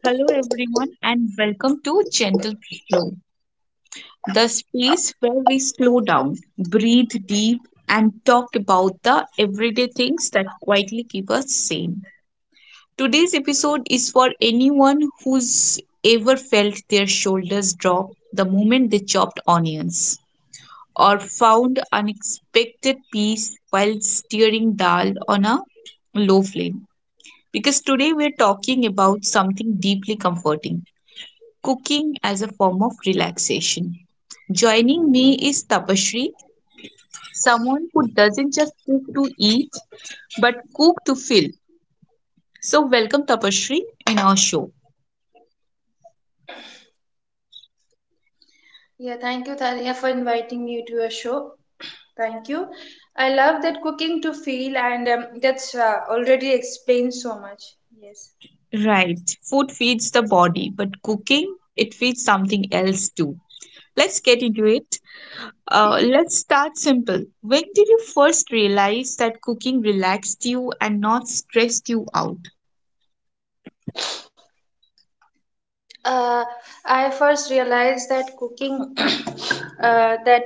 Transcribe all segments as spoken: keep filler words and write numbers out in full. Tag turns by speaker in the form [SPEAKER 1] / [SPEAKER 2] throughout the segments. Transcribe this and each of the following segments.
[SPEAKER 1] Hello, everyone, and welcome to Gentle Flow, the space where we slow down, breathe deep, and talk about the everyday things that quietly keep us sane. Today's episode is for anyone who's ever felt their shoulders drop the moment they chopped onions or found unexpected peace while stirring dal on a low flame. Because today we're talking about something deeply comforting cooking as a form of relaxation. Joining me is Tapashri, someone who doesn't just cook to eat but cook to feel. So, welcome Tapashri in our show.
[SPEAKER 2] Yeah, thank you, Talia, for inviting me to your show. Thank you. I love that cooking to feel, and um, that's uh, already explains so much. Yes.
[SPEAKER 1] Right, food feeds the body, but cooking it feeds something else too. Let's get into it. Uh, let's start simple. When did you first realize that cooking relaxed you and not stressed you out?
[SPEAKER 2] Uh, I first realized that cooking, uh, that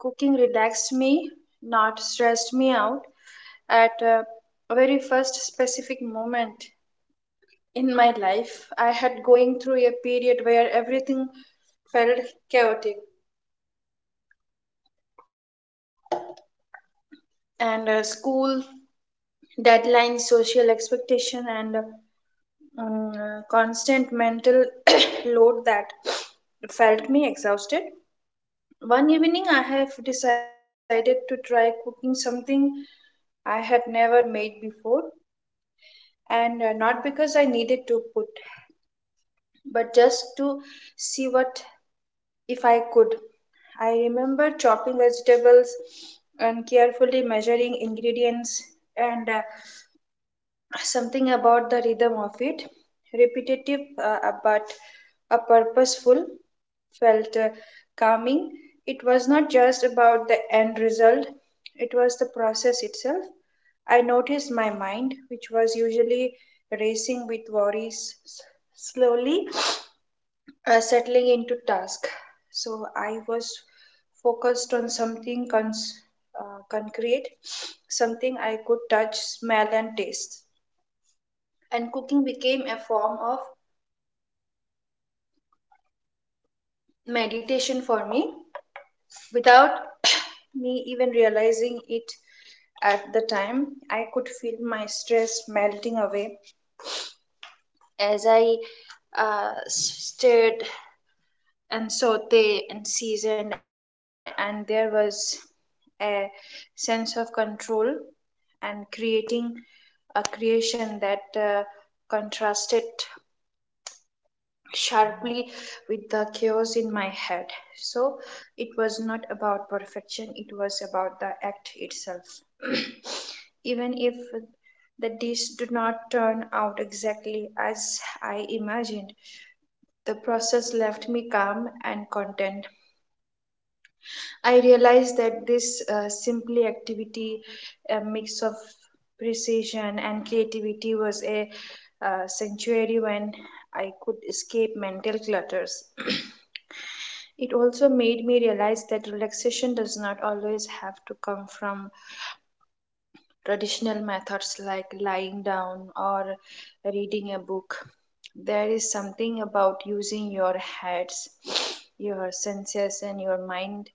[SPEAKER 2] cooking relaxed me, not stressed me out, at uh, a very first specific moment in my life. I had going through a period where everything felt chaotic, and uh, school deadline, social expectation, and um, constant mental load that felt me exhausted. One evening, I have decided to try cooking something I had never made before, and uh, not because I needed to put, but just to see what if I could. I remember chopping vegetables and carefully measuring ingredients and uh, something about the rhythm of it repetitive uh, uh, but a purposeful felt uh, calming. It was not just about the end result, it was the process itself. I noticed my mind, which was usually racing with worries, s- slowly uh, settling into task. So I was focused on something cons- uh, concrete, something I could touch, smell and taste, and cooking became a form of meditation for me without me even realizing it. At the time I could feel my stress melting away as I uh, stirred and sauteed and seasoned, and there was a sense of control and creating a creation that uh, contrasted sharply with the chaos in my head. So it was not about perfection, it was about the act itself. Even if the dish did not turn out exactly as I imagined, the process left me calm and content. I realized that this uh, simply activity, a mix of precision and creativity, was a uh, sanctuary when I could escape mental clutters. It also made me realize that relaxation does not always have to come from traditional methods like lying down or reading a book. There is something about using your heads, your senses, and your mind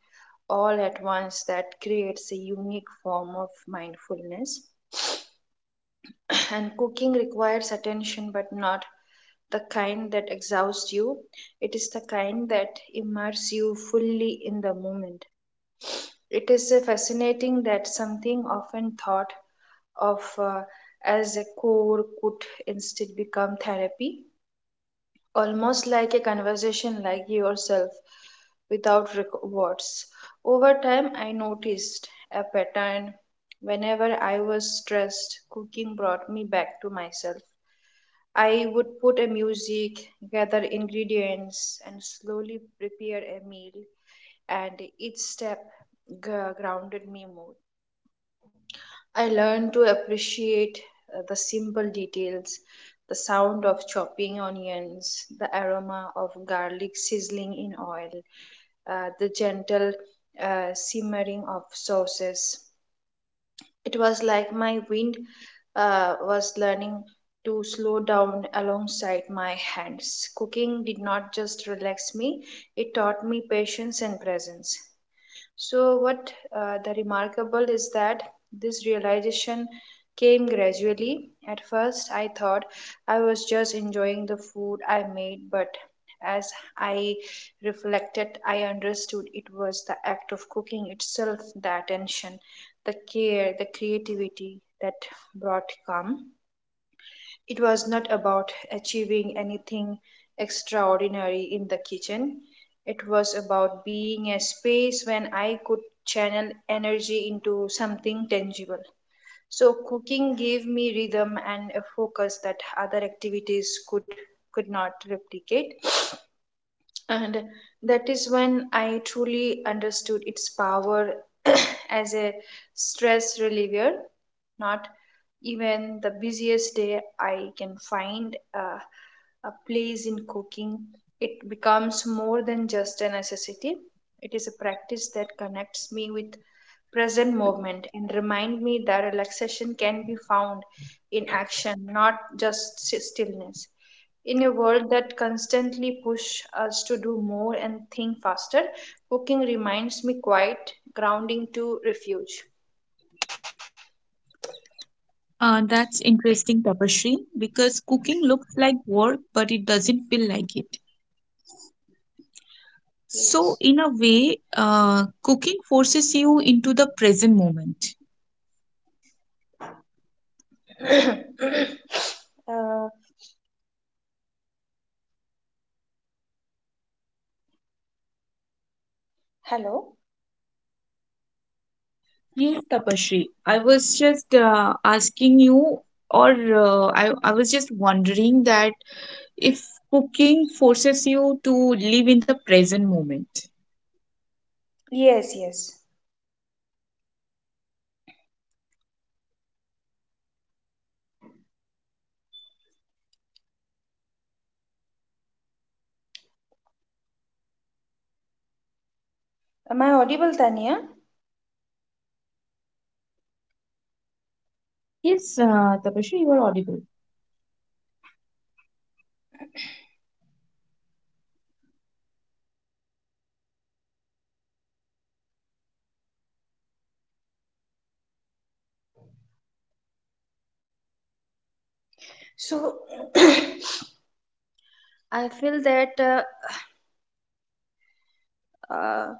[SPEAKER 2] all at once that creates a unique form of mindfulness. And cooking requires attention, but not the kind that exhausts you. It is the kind that immerses you fully in the moment. It is uh, fascinating that something often thought of uh, as a core could instead become therapy, almost like a conversation like yourself without rec- words. Over time, I noticed a pattern. Whenever I was stressed, cooking brought me back to myself. I would put a music, gather ingredients, and slowly prepare a meal, and each step g- grounded me more. I learned to appreciate uh, the simple details, the sound of chopping onions, the aroma of garlic sizzling in oil, uh, the gentle uh, simmering of sauces. It was like my wind uh, was learning to slow down alongside my hands. Cooking did not just relax me, it taught me patience and presence. So, what uh, the remarkable is that this realization came gradually. At first, I thought I was just enjoying the food I made, but as I reflected, I understood it was the act of cooking itself, the attention, the care, the creativity that brought calm. It was not about achieving anything extraordinary in the kitchen. It was about being a space when I could channel energy into something tangible. So cooking gave me rhythm and a focus that other activities could could not replicate. And that is when I truly understood its power as a stress reliever, not even the busiest day, I can find a, a place in cooking. It becomes more than just a necessity. It is a practice that connects me with present moment and remind me that relaxation can be found in action, not just s- stillness. In a world that constantly push us to do more and think faster, cooking reminds me quite grounding to refuge.
[SPEAKER 1] Uh, that's interesting, Tapashri, because cooking looks like work, but it doesn't feel like it.
[SPEAKER 2] Yes.
[SPEAKER 1] So, in a way, uh, cooking forces you into the present moment.
[SPEAKER 2] Uh,
[SPEAKER 1] Yes, Tapashri. I was just uh, asking you, or uh, I, I was just wondering that if cooking forces you to live in the present moment.
[SPEAKER 2] Yes, yes. Am I audible, Tanya?
[SPEAKER 1] Yes, uh, Tapashri, you are audible.
[SPEAKER 2] So, I feel that uh,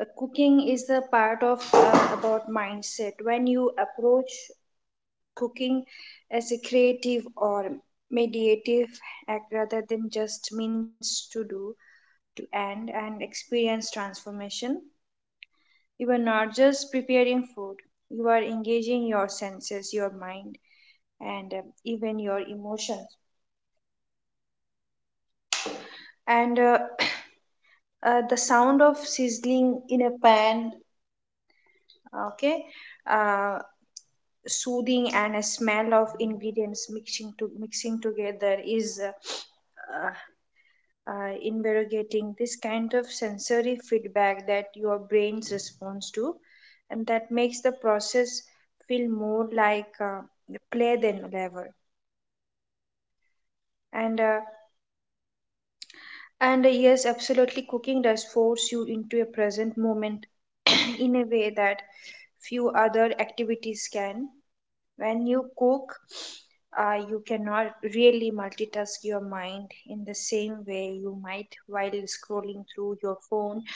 [SPEAKER 2] uh, cooking is a part of uh, about mindset. When you approach cooking as a creative or mediative act rather than just means to do, to end, and experience transformation, you are not just preparing food, you are engaging your senses, your mind, and uh, even your emotions. And uh, uh, The sound of sizzling in a pan, okay, uh, soothing and a smell of ingredients mixing to mixing together is uh, uh, uh, investigating this kind of sensory feedback that your brain responds to, and that makes the process feel more like uh, play than labor. And uh, And uh, Yes, absolutely, cooking does force you into a present moment in a way that few other activities can. When you cook, uh, you cannot really multitask your mind in the same way you might while scrolling through your phone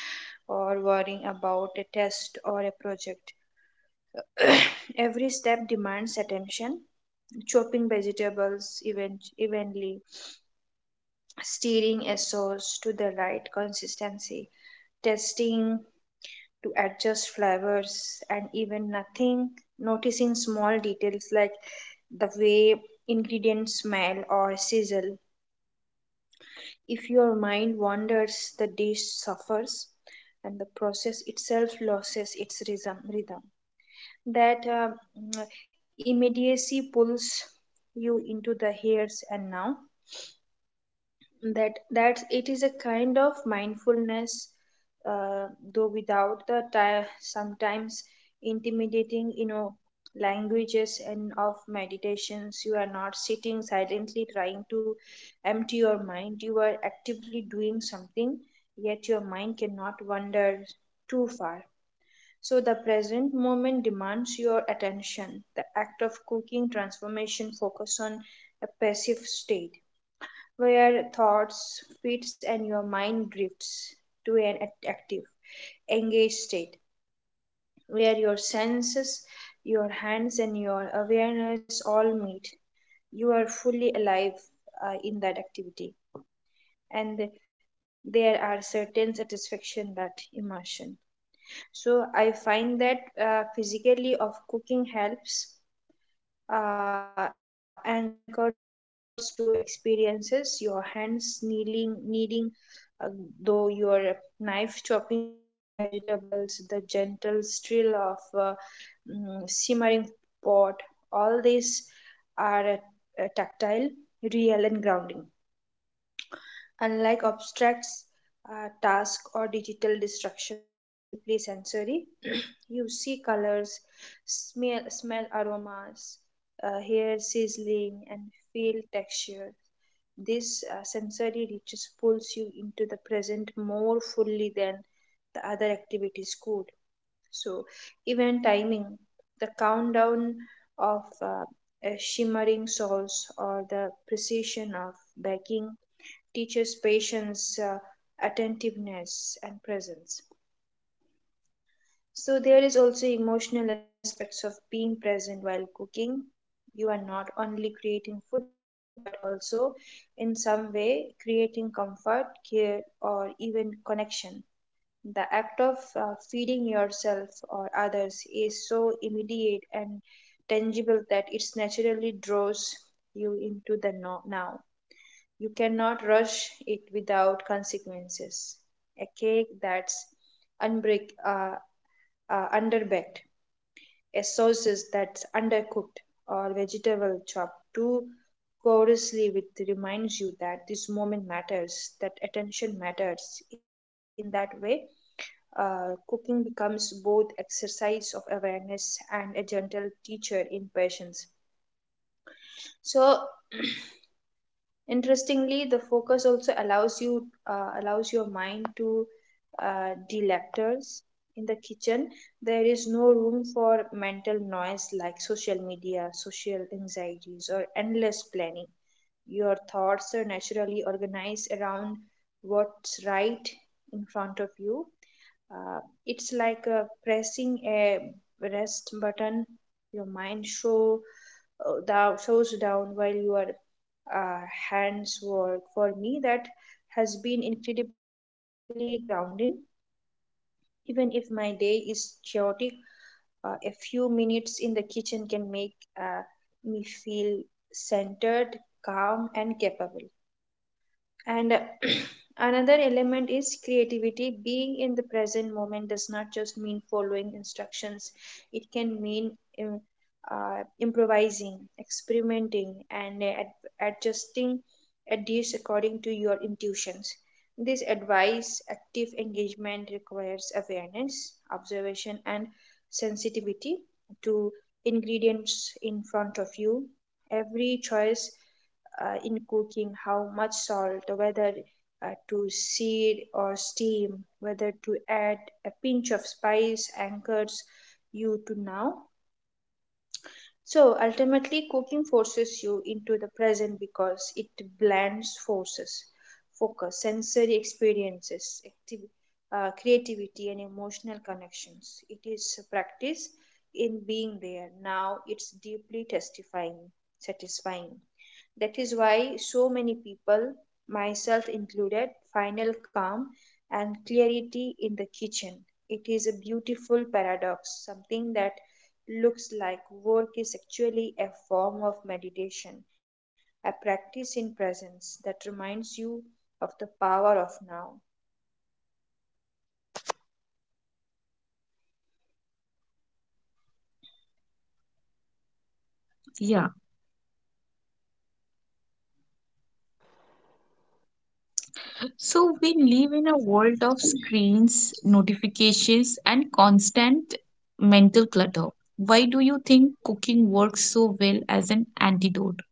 [SPEAKER 2] or worrying about a test or a project. Every step demands attention. Chopping vegetables even, evenly, stirring a sauce to the right consistency, testing to adjust flavors and even nothing noticing small details like the way ingredients smell or sizzle. If your mind wanders the dish suffers and the process itself loses its rhythm. That uh, mm, immediacy pulls you into the here's and now, that that it is a kind of mindfulness, uh, though without the ti- sometimes intimidating, you know, languages and of meditations. You are not sitting silently trying to empty your mind, you are actively doing something, yet your mind cannot wander too far. So the present moment demands your attention. The act of cooking transformation focus on a passive state where thoughts fits and your mind drifts to an act- active, engaged state, where your senses, your hands, and your awareness all meet. You are fully alive uh, in that activity, and there are certain satisfaction that immersion. So I find that uh, physically of cooking helps uh, anchors to experiences, your hands kneeling, kneading, uh, though your knife chopping vegetables, the gentle still of a mm, simmering pot, all these are uh, uh, tactile, real, and grounding. Unlike abstracts, uh, task or digital distractions, cooking is deeply sensory. You see colors, smell, smell aromas, uh, hear sizzling, and feel texture. This uh, sensory riches pulls you into the present more fully than the other activities could. So, even timing, the countdown of uh, a shimmering sauce or the precision of baking teaches patience, uh, attentiveness, and presence. So there is also emotional aspects of being present while cooking. You are not only creating food but also in some way creating comfort, care or even connection. The act of uh, feeding yourself or others is so immediate and tangible that it naturally draws you into the no- now. You cannot rush it without consequences. A cake that's unbreak, uh, uh, underbaked, a sauce that's undercooked or vegetable chopped too coarsely with reminds you that this moment matters, that attention matters. In that way, uh, cooking becomes both exercise of awareness and a gentle teacher in patience. So interestingly, the focus also allows you uh, allows your mind to uh, delectors in the kitchen. There is no room for mental noise like social media, social anxieties, or endless planning. Your thoughts are naturally organized around what's right in front of you. Uh, it's like uh, pressing a rest button. Your mind show uh, thou shows down while your uh, hands work. For me, that has been incredibly grounding. Even if my day is chaotic, uh, a few minutes in the kitchen can make uh, me feel centered, calm, and capable. And uh, another element is creativity. Being in the present moment does not just mean following instructions, it can mean im- uh, improvising, experimenting, and uh, ad- adjusting a dish according to your intuitions. This advice, active engagement requires awareness, observation, and sensitivity to ingredients in front of you. Every choice uh, in cooking, how much salt, whether uh, to sear or steam, whether to add a pinch of spice anchors you to now. So ultimately, cooking forces you into the present because it blends forces, focus, sensory experiences, activ- uh, creativity, and emotional connections. It is a practice in being there. Now it's deeply testifying, satisfying. That is why so many people, myself included, find calm and clarity in the kitchen. It is a beautiful paradox, something that looks like work is actually a form of meditation, a practice in presence that reminds you of the power of now.
[SPEAKER 1] Yeah. So we live in a world of screens, notifications, and constant mental clutter. Why do you think cooking works so well as an antidote?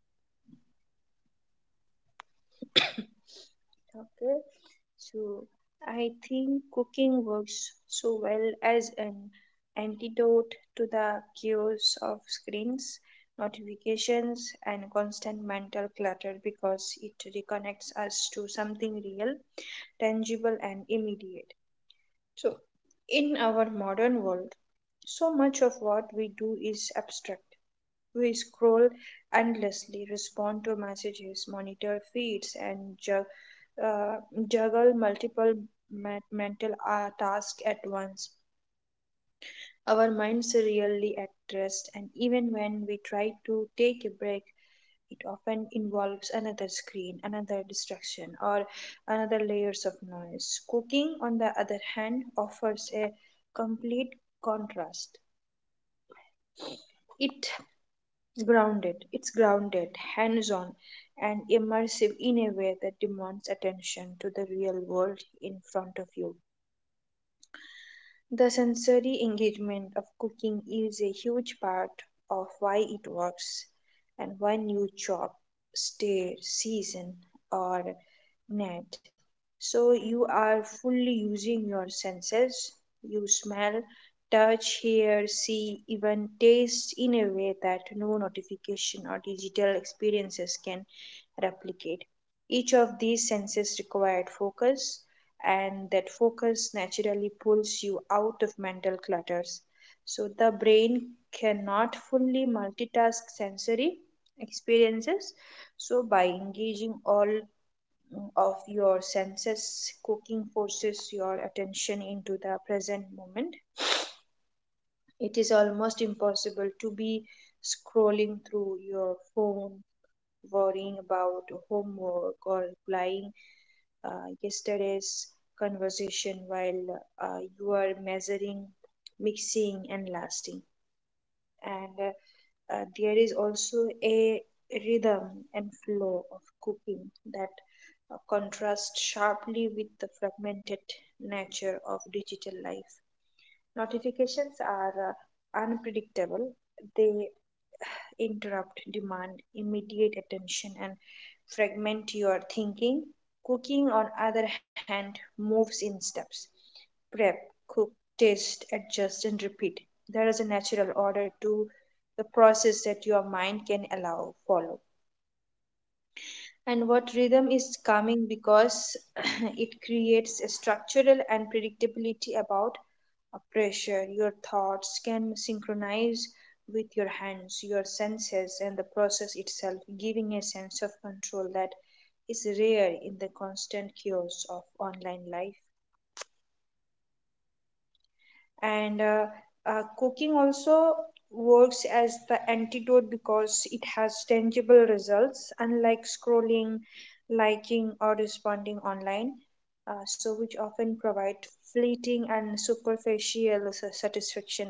[SPEAKER 2] Okay, so I think cooking works so well as an antidote to the chaos of screens, notifications, and constant mental clutter because it reconnects us to something real, tangible, and immediate. So, in our modern world, so much of what we do is abstract. We scroll endlessly, respond to messages, monitor feeds, and ju- uh, juggle multiple ma- mental uh, tasks at once. Our minds are really at rest, and even when we try to take a break, it often involves another screen, another distraction, or another layers of noise. Cooking, on the other hand, offers a complete contrast. It Grounded. It's grounded, hands on, and immersive in a way that demands attention to the real world in front of you. The sensory engagement of cooking is a huge part of why it works, and when you chop, stir, season, or net. So you are fully using your senses. You smell, touch, hear, see, even taste in a way that no notification or digital experiences can replicate. Each of these senses required focus, and that focus naturally pulls you out of mental clutters. So the brain cannot fully multitask sensory experiences. So by engaging all mm, of your senses, cooking forces your attention into the present moment. It is almost impossible to be scrolling through your phone, worrying about homework, or replying uh, yesterday's conversation while uh, you are measuring, mixing, and lasting. And uh, uh, There is also a rhythm and flow of cooking that uh, contrasts sharply with the fragmented nature of digital life. Notifications are uh, unpredictable. They interrupt, demand immediate attention, and fragment your thinking. Cooking, on other hand, moves in steps: prep, cook, taste, adjust, and repeat. There is a natural order to the process that your mind can allow follow. And what rhythm is calming because it creates a structural and predictability about a pressure. Your thoughts can synchronize with your hands, your senses, and the process itself, giving a sense of control that is rare in the constant chaos of online life. And uh, uh, Cooking also works as the antidote because it has tangible results. Unlike scrolling, liking, or responding online, uh, so which often provide fleeting and superficial sa- satisfaction,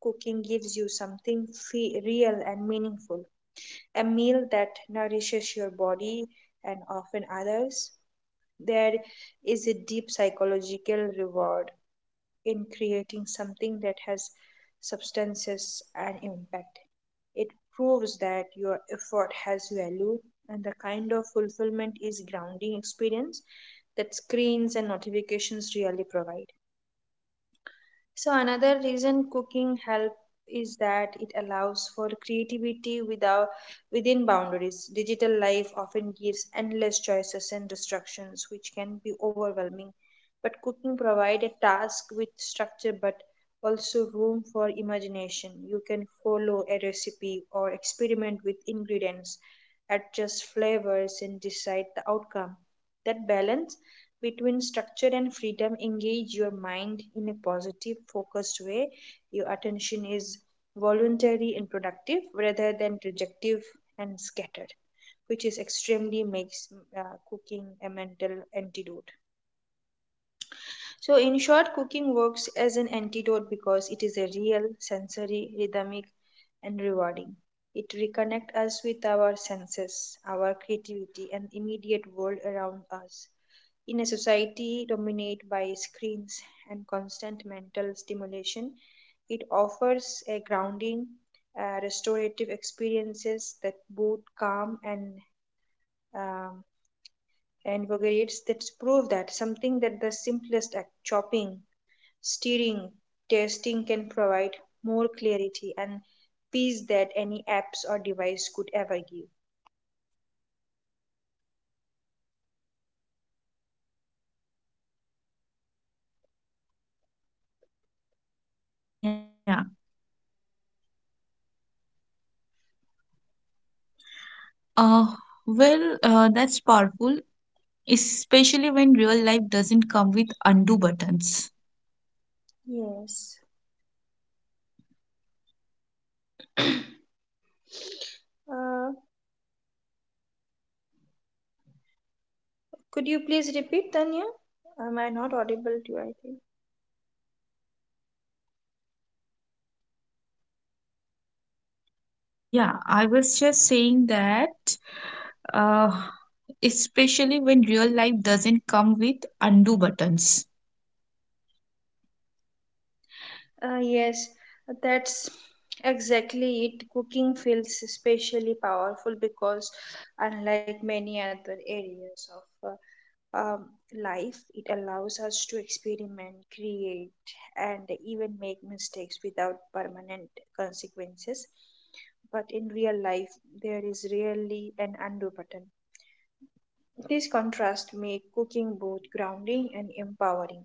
[SPEAKER 2] cooking gives you something fe- real and meaningful, a meal that nourishes your body and often others. There is a deep psychological reward in creating something that has substances and impact. It proves that your effort has value, and the kind of fulfillment is grounding experience that screens and notifications really provide. So another reason cooking help is that it allows for creativity without within boundaries. Digital life often gives endless choices and distractions which can be overwhelming. But cooking provide a task with structure but also room for imagination. You can follow a recipe or experiment with ingredients, adjust flavors, and decide the outcome. That balance between structure and freedom engage your mind in a positive focused way. Your attention is voluntary and productive rather than rejective and scattered, which is extremely makes uh, cooking a mental antidote. So in short, cooking works as an antidote because it is a real sensory rhythmic and rewarding. It reconnects us with our senses, our creativity, and immediate world around us. In a society dominated by screens and constant mental stimulation, it offers a grounding, uh, restorative experiences that both calm and um, invigorates, that prove that something that the simplest act, chopping, stirring, tasting, can provide more clarity and peace that any apps or device could ever give.
[SPEAKER 1] Yeah. Uh, well, uh, that's powerful, especially when real life doesn't come with undo buttons.
[SPEAKER 2] Yes. Uh, Could you please repeat, Tanya? Am I not audible to you? I think.
[SPEAKER 1] Yeah, I was just saying that, uh, especially when real life doesn't come with undo buttons.
[SPEAKER 2] Uh, yes, that's exactly it. Cooking feels especially powerful because, unlike many other areas of uh, um, life, it allows us to experiment, create, and even make mistakes without permanent consequences. But in real life, there is rarely an undo button. This contrast makes cooking both grounding and empowering.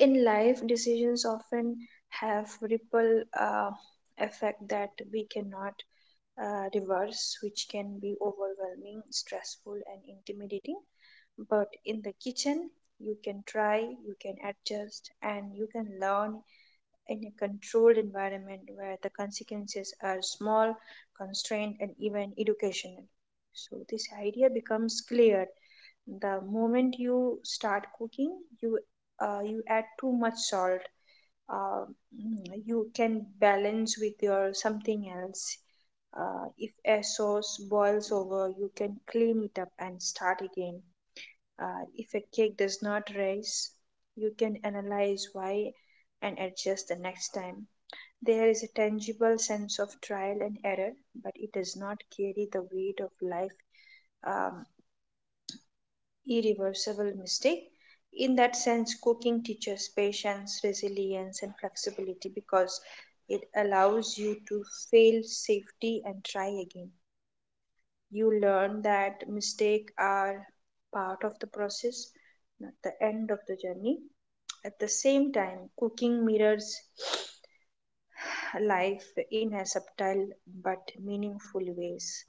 [SPEAKER 2] In life, decisions often have ripple uh, effect that we cannot uh, reverse, which can be overwhelming, stressful, and intimidating. But in the kitchen, you can try, you can adjust, and you can learn in a controlled environment where the consequences are small, constrained, and even educational. So, this idea becomes clear. The moment you start cooking, you uh, you add too much salt. Uh, mm, you can balance with your something else. Uh, if a sauce boils over, you can clean it up and start again. Uh, if a cake does not rise, you can analyze why and adjust the next time. There is a tangible sense of trial and error, but it does not carry the weight of life um, irreversible mistake. In that sense, cooking teaches patience, resilience, and flexibility because it allows you to fail safely and try again. You learn that mistakes are part of the process, not the end of the journey. At the same time, cooking mirrors life in a subtle but meaningful ways.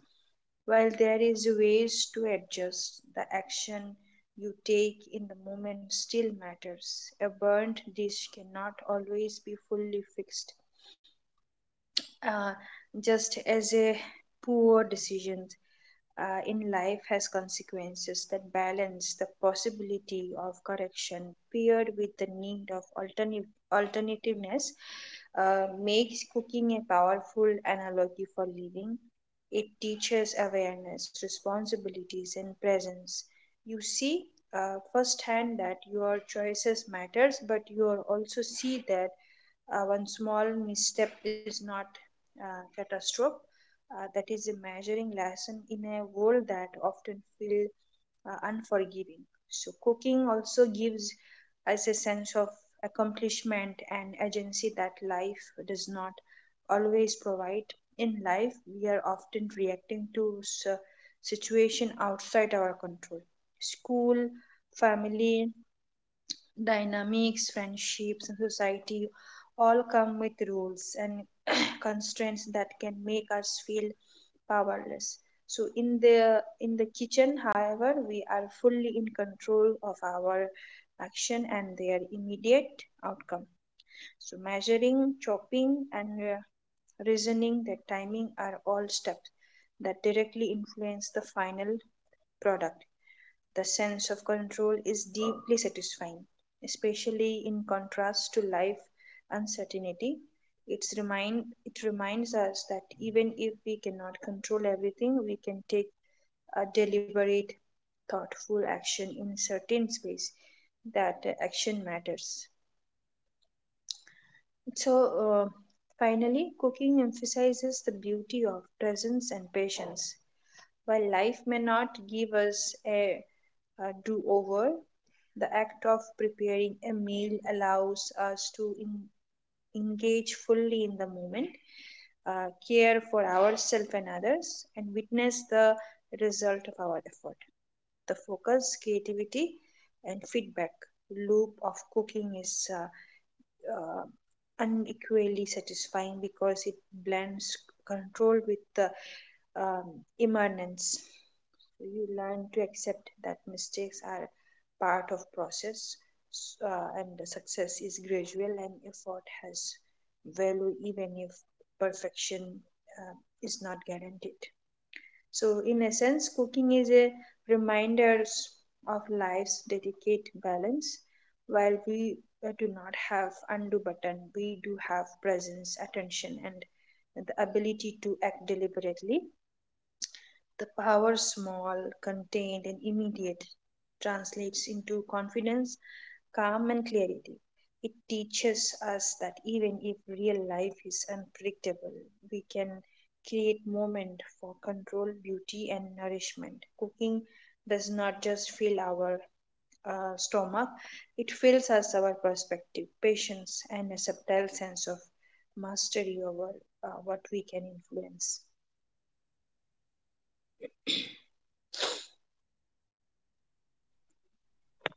[SPEAKER 2] While there is ways to adjust, the action you take in the moment still matters. A burnt dish cannot always be fully fixed, uh, just as a poor decision uh, in life has consequences. That balance the possibility of correction paired with the need of alternate alternativeness uh, makes cooking a powerful analogy for living. It teaches awareness, responsibilities, and presence. You see uh, firsthand that your choices matters, but you are also see that uh, one small misstep is not uh, catastrophe. Uh, that is a measuring lesson in a world that often feels uh, unforgiving. So, cooking also gives us a sense of accomplishment and agency that life does not always provide. In life, we are often reacting to s- situation outside our control. School, family, Dynamics, friendships, and society all come with rules and constraints that can make us feel powerless. So in the in the kitchen, however, we are fully in control of our action and their immediate outcome. So measuring, chopping, and uh, reasoning, the timing are all steps that directly influence the final product. The sense of control is deeply satisfying, especially in contrast to life uncertainty. It's remind it reminds us that even if we cannot control everything, we can take a deliberate, thoughtful action in certain space. That uh, action matters. So uh, finally, cooking emphasizes the beauty of presence and patience. While life may not give us a uh, do over, the act of preparing a meal allows us to en- engage fully in the moment, uh, care for ourselves and others, and witness the result of our effort. The focus, creativity, and feedback loop of cooking is uh, uh, unequally satisfying because it blends control with the um, immanence. So you learn to accept that mistakes are part of process, uh, and the success is gradual and effort has value even if perfection uh, is not guaranteed. So, in essence, cooking is a reminder of life's delicate balance. While we uh, do not have undo button, we do have presence, attention, and the ability to act deliberately. The power small, contained, and immediate translates into confidence, calm, and clarity. It teaches us that even if real life is unpredictable, we can create moment for control, beauty, and nourishment. Cooking does not just fill our uh, stomach, it fills us our perspective, patience, and a subtle sense of mastery over uh, what we can influence.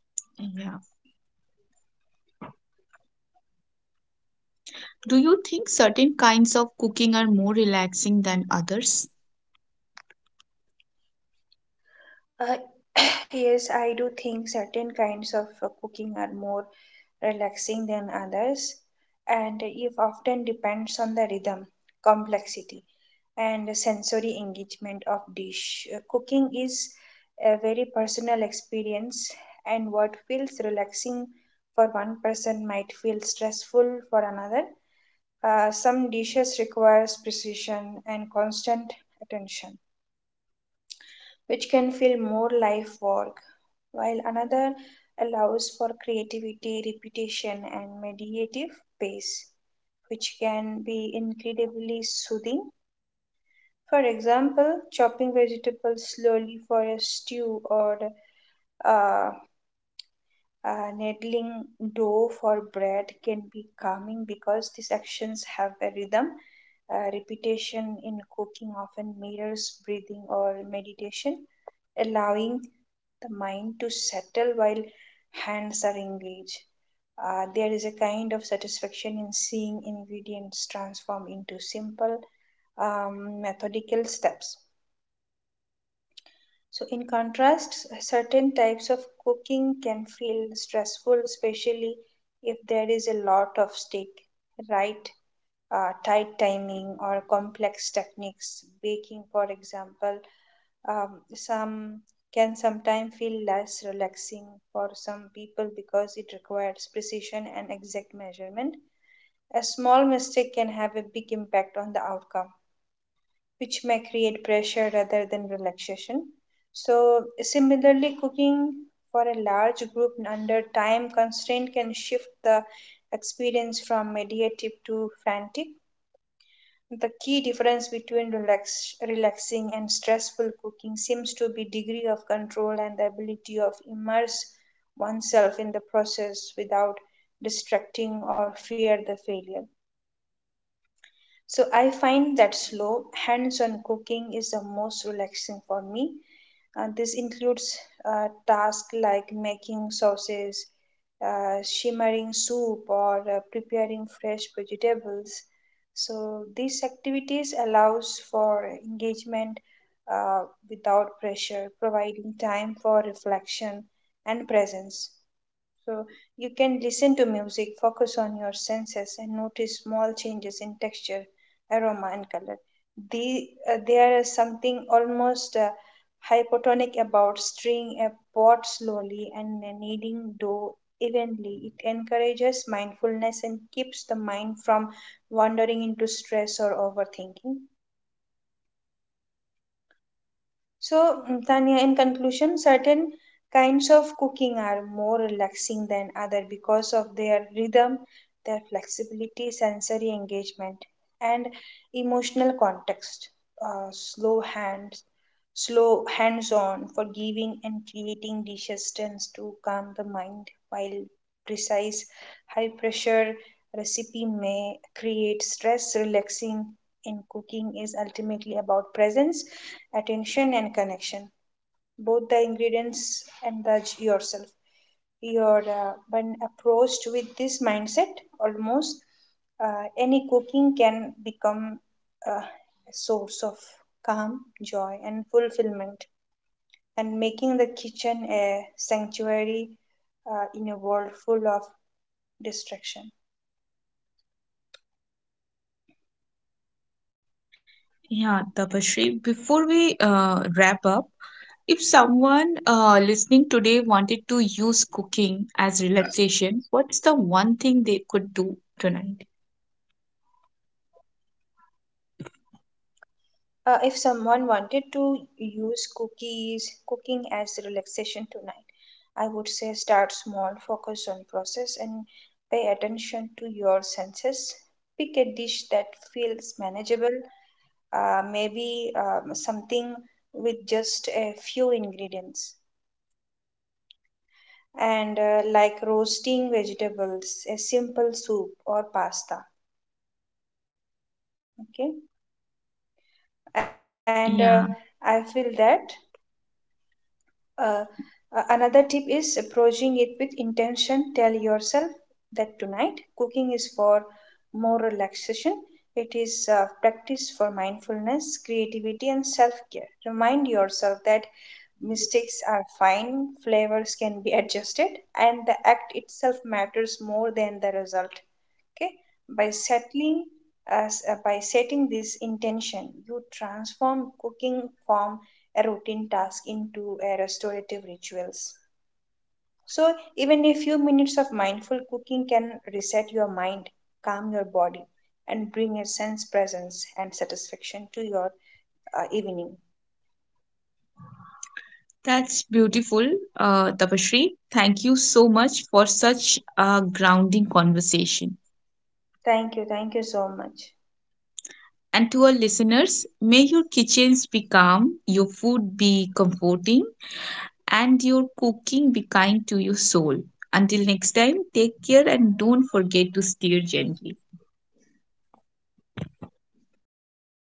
[SPEAKER 1] Yeah. Do you think certain kinds of cooking are more relaxing than others?
[SPEAKER 2] Uh, yes, I do think certain kinds of uh, cooking are more relaxing than others, and it often depends on the rhythm, complexity, and sensory engagement of dish. Uh, cooking is a very personal experience, and what feels relaxing for one person might feel stressful for another. Uh, some dishes requires precision and constant attention, which can feel more life work, while another allows for creativity, repetition, and meditative pace, which can be incredibly soothing. For example, chopping vegetables slowly for a stew, or uh, uh, kneading dough for bread, can be calming because these actions have a rhythm. Uh, repetition in cooking often mirrors breathing or meditation, allowing the mind to settle while hands are engaged. Uh, there is a kind of satisfaction in seeing ingredients transform into simple um, methodical steps. So, in contrast, certain types of cooking can feel stressful, especially if there is a lot of stake, right? Uh, tight timing or complex techniques. Baking, for example, um, some can sometimes feel less relaxing for some people because it requires precision and exact measurement. A small mistake can have a big impact on the outcome, which may create pressure rather than relaxation. So, similarly, cooking for a large group under time constraint can shift the experience from meditative to frantic. The key difference between relax, relaxing and stressful cooking seems to be degree of control and the ability of immerse oneself in the process without distracting or fear the failure. So I find that slow, hands on cooking is the most relaxing for me. Uh, this includes uh, tasks like making sauces, uh, shimmering soup, or uh, preparing fresh vegetables. So these activities allows for engagement uh, without pressure, providing time for reflection and presence. So you can listen to music, focus on your senses, and notice small changes in texture, aroma, and color. The, uh, there is something almost uh, hypotonic about stirring a pot slowly and kneading dough evenly. It encourages mindfulness and keeps the mind from wandering into stress or overthinking. So, mm, Tanya, in conclusion, certain kinds of cooking are more relaxing than other because of their rhythm, their flexibility, sensory engagement, and emotional context. Uh, slow hands, Slow hands-on, forgiving and creating dishes tends to calm the mind, while precise, high-pressure recipe may create stress. Relaxing in cooking is ultimately about presence, attention, and connection, both the ingredients indulge yourself your uh, when approached with this mindset, almost uh, any cooking can become uh, a source of calm, joy, and fulfillment, and making the kitchen a sanctuary uh, in a world full of distraction.
[SPEAKER 1] Yeah, Tapashri, before we uh, wrap up, if someone uh, listening today wanted to use cooking as relaxation, what's the one thing they could do tonight?
[SPEAKER 2] Uh, if someone wanted to use cookies, cooking as relaxation tonight, I would say start small, focus on process, and pay attention to your senses. Pick a dish that feels manageable, uh, maybe um, something with just a few ingredients, and uh, like roasting vegetables, a simple soup, or pasta. Okay, and uh,
[SPEAKER 1] Yeah,
[SPEAKER 2] I feel that uh, uh, another tip is approaching it with intention. Tell yourself that tonight cooking is for more relaxation. It is uh, practice for mindfulness, creativity, and self-care. Remind yourself that mistakes are fine, flavors can be adjusted, and the act itself matters more than the result. Okay, by settling as uh, by setting this intention you transform cooking from a routine task into a restorative rituals. So even a few minutes of mindful cooking can reset your mind, calm your body, and bring a sense presence and satisfaction to your uh, evening.
[SPEAKER 1] that's beautiful, uh, Tapashri. Thank you so much for such a grounding conversation.
[SPEAKER 2] Thank you, thank you so much.
[SPEAKER 1] And to our listeners, may your kitchens be calm, your food be comforting, and your cooking be kind to your soul. Until next time, take care and don't forget to steer gently.